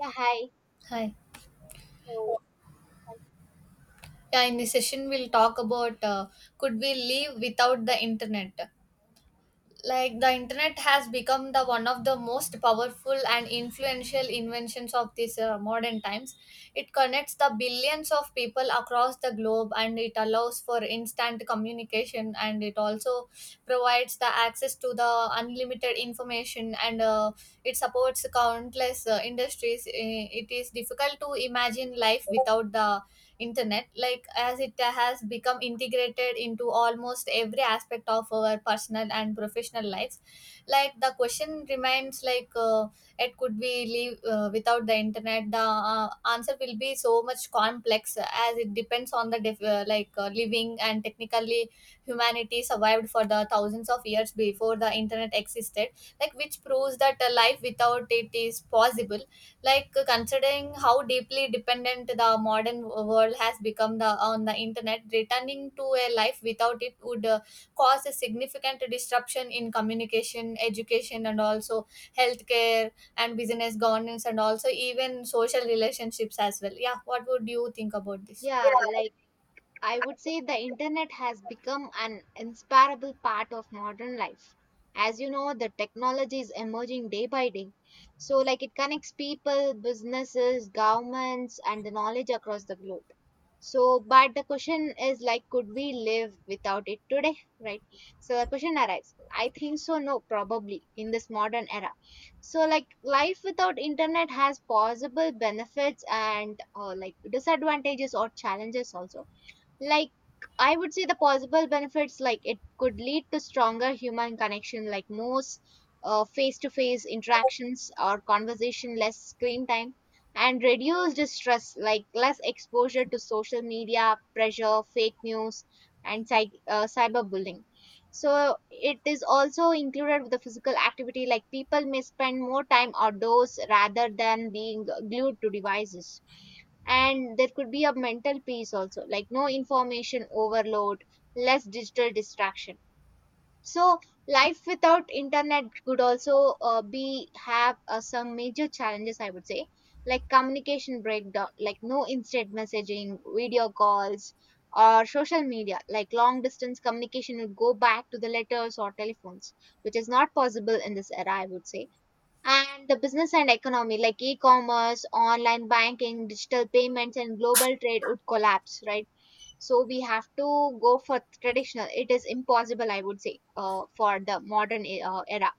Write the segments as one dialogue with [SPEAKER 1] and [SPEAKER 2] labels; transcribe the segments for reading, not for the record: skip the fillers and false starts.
[SPEAKER 1] Yeah, hi.
[SPEAKER 2] Hi.
[SPEAKER 1] So,
[SPEAKER 2] Yeah, in this session, we'll talk about could we live without the internet? Like the internet has become the one of the most powerful and influential inventions of these modern times. It connects the billions of people across the globe, and it allows for instant communication, and it also provides the access to the unlimited information, and it supports countless industries. It is difficult to imagine life without the internet, like as it has become integrated into almost every aspect of our personal and professional lives. Like the question remains, like it could we live without the internet, the answer will be so much complex, as it depends on the like living and technically. Humanity survived for the thousands of years before the internet existed, like which proves that a life without it is possible. Like considering how deeply dependent the modern world has become the on the internet, returning to a life without it would cause a significant disruption in communication, education, and also healthcare, and business governance, and also even social relationships as well. Yeah, what would you think about this?
[SPEAKER 1] yeah,
[SPEAKER 2] Yeah,
[SPEAKER 1] like I would say the internet has become an inseparable part of modern life. As you know, the technology is emerging day by day. So, it connects people, businesses, governments, and the knowledge across the globe. So, but the question is, could we live without it today, right? So, the question arises. I think so, no, probably in this modern era. So, life without internet has possible benefits and, disadvantages or challenges also. Like i would say the possible benefits, like it could lead to stronger human connection, like most face-to-face interactions or conversation, less screen time and reduced stress, like less exposure to social media pressure, fake news, and cyberbullying. So it is also included with the physical activity, like people may spend more time outdoors rather than being glued to devices, and there could be a mental peace also, like no information overload, less digital distraction. So life without internet could also be have some major challenges, I would say, like communication breakdown, like no instant messaging, video calls, or social media. Like long distance communication would go back to the letters or telephones, which is not possible in this era, I would say. And the business and economy, like e commerce, online banking, digital payments, and global trade, would collapse, right? So we have to go for traditional. It is impossible, I would say, for the modern era.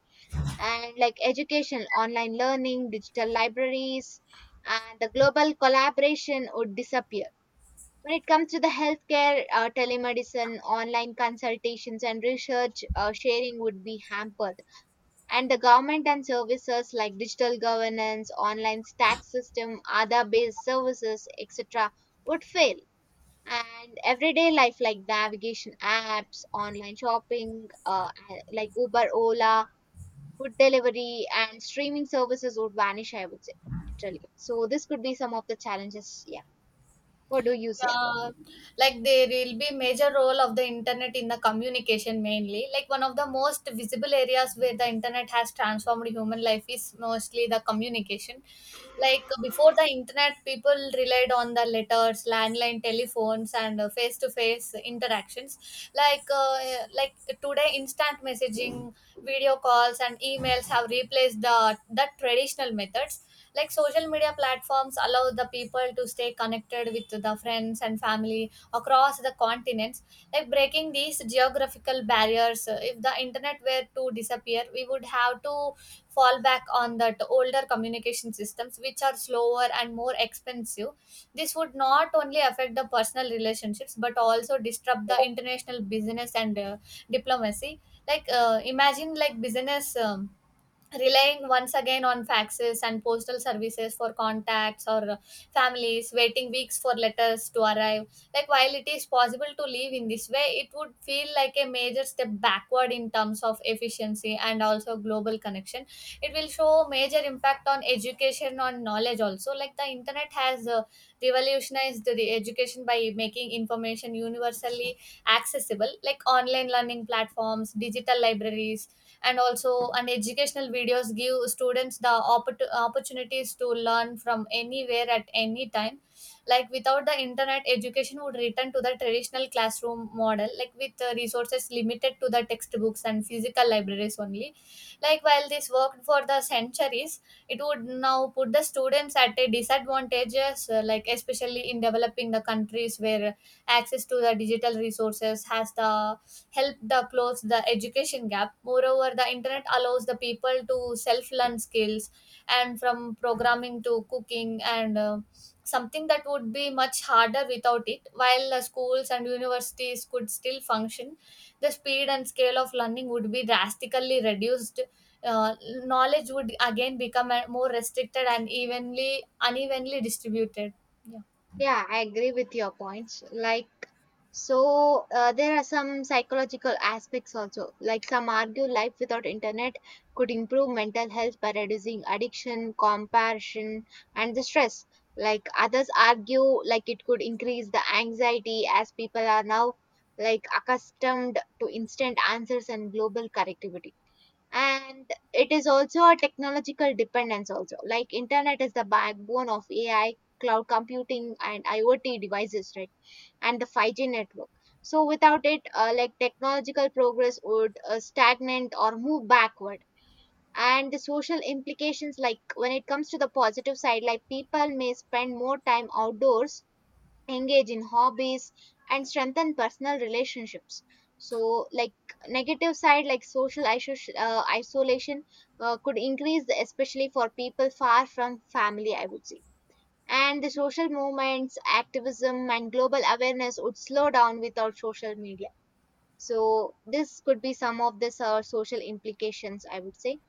[SPEAKER 1] And like education, online learning, digital libraries, and the global collaboration would disappear. When it comes to the healthcare, telemedicine, online consultations, and research sharing would be hampered, and the government and services, like digital governance, online tax system, other based services, etc., would fail. And everyday life, like navigation apps, online shopping, uber, ola, food delivery, and streaming services would vanish, I would say, literally. So this could be some of the challenges. Yeah, what do you say about?
[SPEAKER 2] yeah, like there will be major role of the internet in the communication mainly. Like one of the most visible areas where the internet has transformed human life is mostly the communication. Like before the internet, people relied on the letters, landline telephones, and face to face interactions. Like uh, like today, instant messaging, video calls, and emails have replaced the traditional methods, like social media platforms allow the people to stay connected with the friends and family across the continents, like breaking these geographical barriers. Uh, if the internet were to disappear, we would have to fall back on that older communication systems, which are slower and more expensive. This would not only affect the personal relationships, but also disrupt the international business and diplomacy. Like imagine like business relying once again on faxes and postal services for contacts, or families waiting weeks for letters to arrive. Like while it is possible to live in this way, it would feel like a major step backward in terms of efficiency and also global connection. It will show major impact on education, on knowledge also. Like the internet has revolutionized the education by making information universally accessible, like online learning platforms, digital libraries, and also and educational videos give students the opportunities to learn from anywhere at any time. Like without the internet, education would return to the traditional classroom model, like with resources limited to the textbooks and physical libraries only. Like while this worked for the centuries, it would now put the students at a disadvantage, like especially in developing the countries where access to the digital resources has the help the close the education gap. Moreover, the internet allows the people to self learn skills, and from programming to cooking, and something that would be much harder without it. While the schools and universities could still function, the speed and scale of learning would be drastically reduced. Uh, Knowledge would again become more restricted and evenly unevenly distributed.
[SPEAKER 1] Yeah, I agree with your points. Like, so there are some psychological aspects also. Like, some argue life without internet could improve mental health by reducing addiction, comparison, and the stress. Like, others argue like it could increase the anxiety, as people are now like accustomed to instant answers and global connectivity. And it is also a technological dependence also, like internet is the backbone of AI, cloud computing, and IoT devices, right? And the 5G network. So without it, technological progress would stagnate or move backward. And the social implications, like when it comes to the positive side, like people may spend more time outdoors, engage in hobbies, and strengthen personal relationships. So like negative side, like social isolation could increase, especially for people far from family, I would say. And the social movements, activism, and global awareness would slow down without social media. So this could be some of the social implications, I would say.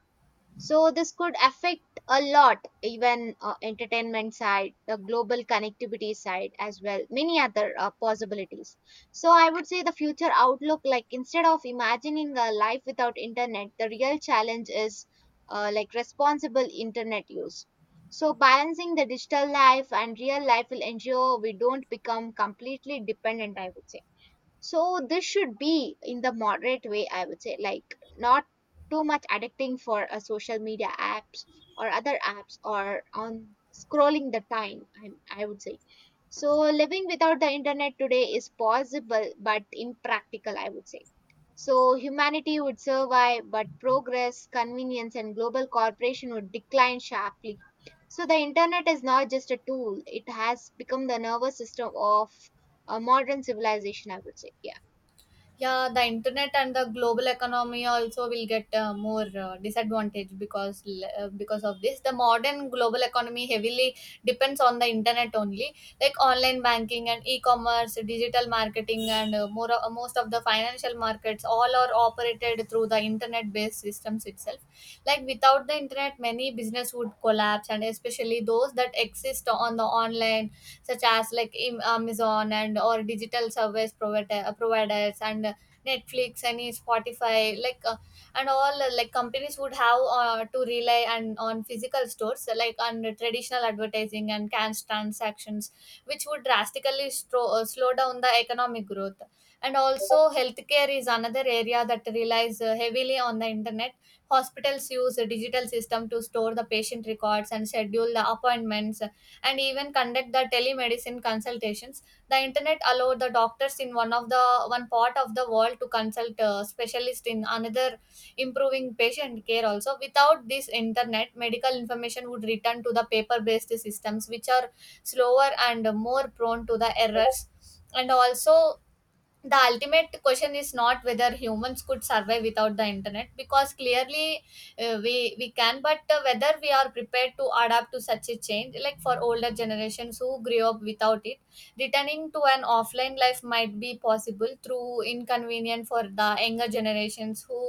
[SPEAKER 1] So this could affect a lot, even entertainment side, the global connectivity side as well, many other possibilities. So I would say the future outlook, like instead of imagining a life without internet, the real challenge is responsible internet use. So balancing the digital life and real life will ensure we don't become completely dependent, I would say. So this should be in the moderate way, I would say, like not too much addicting for a social media apps or other apps or on scrolling the time, I would say. So living without the internet today is possible but impractical, I would say. So humanity would survive, but progress, convenience, and global cooperation would decline sharply. So the internet is not just a tool, it has become the nervous system of a modern civilization, I would say. Yeah.
[SPEAKER 2] Yeah, the internet and the global economy also will get more disadvantage because of this. The modern global economy heavily depends on the internet only, like online banking and e-commerce, digital marketing, and more most of the financial markets all are operated through the internet-based systems itself. Like without the internet, many business would collapse, and especially those that exist on the online, such as like Amazon and or digital service provider, providers, and Netflix and Spotify, like and all like companies would have to rely and on physical stores, like on traditional advertising and cash transactions, which would drastically slow down the economic growth. And also healthcare is another area that relies heavily on the internet. Hospitals use a digital system to store the patient records and schedule the appointments, and even conduct the telemedicine consultations. The internet allowed the doctors in one part of the world to consult a specialist in another, improving patient care also. Without this internet, medical information would return to the paper based systems, which are slower and more prone to the errors. And also the ultimate question is not whether humans could survive without the internet, because clearly we can, but whether we are prepared to adapt to such a change. Like for older generations who grew up without it, returning to an offline life might be possible through inconvenient. For the younger generations who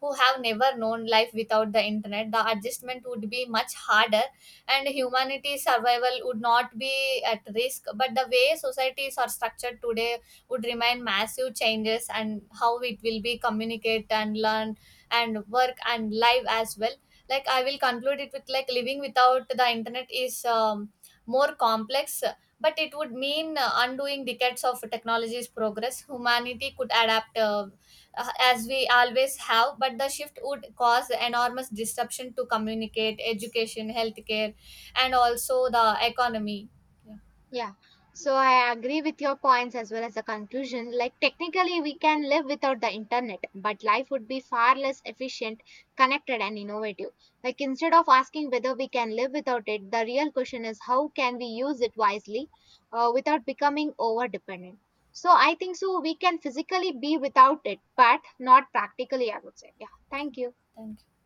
[SPEAKER 2] have never known life without the internet, the adjustment would be much harder, and humanity's survival would not be at risk, but the way societies are structured today would remain massive changes and how it will be communicate and learn and work and live as well. Like I will conclude it with, like living without the internet is more complex, but it would mean undoing decades of technology's progress. Humanity could adapt, as we always have, but the shift would cause enormous disruption to communicate, education, healthcare, and also the economy. Yeah,
[SPEAKER 1] Yeah, so I agree with your points as well as the conclusion. Like, technically we can live without the internet, but life would be far less efficient, connected, and innovative. Like, instead of asking whether we can live without it, the real question is how can we use it wisely, without becoming over dependent. So I think so we can physically be without it but not practically, I would say. Yeah, thank you.
[SPEAKER 2] thank you.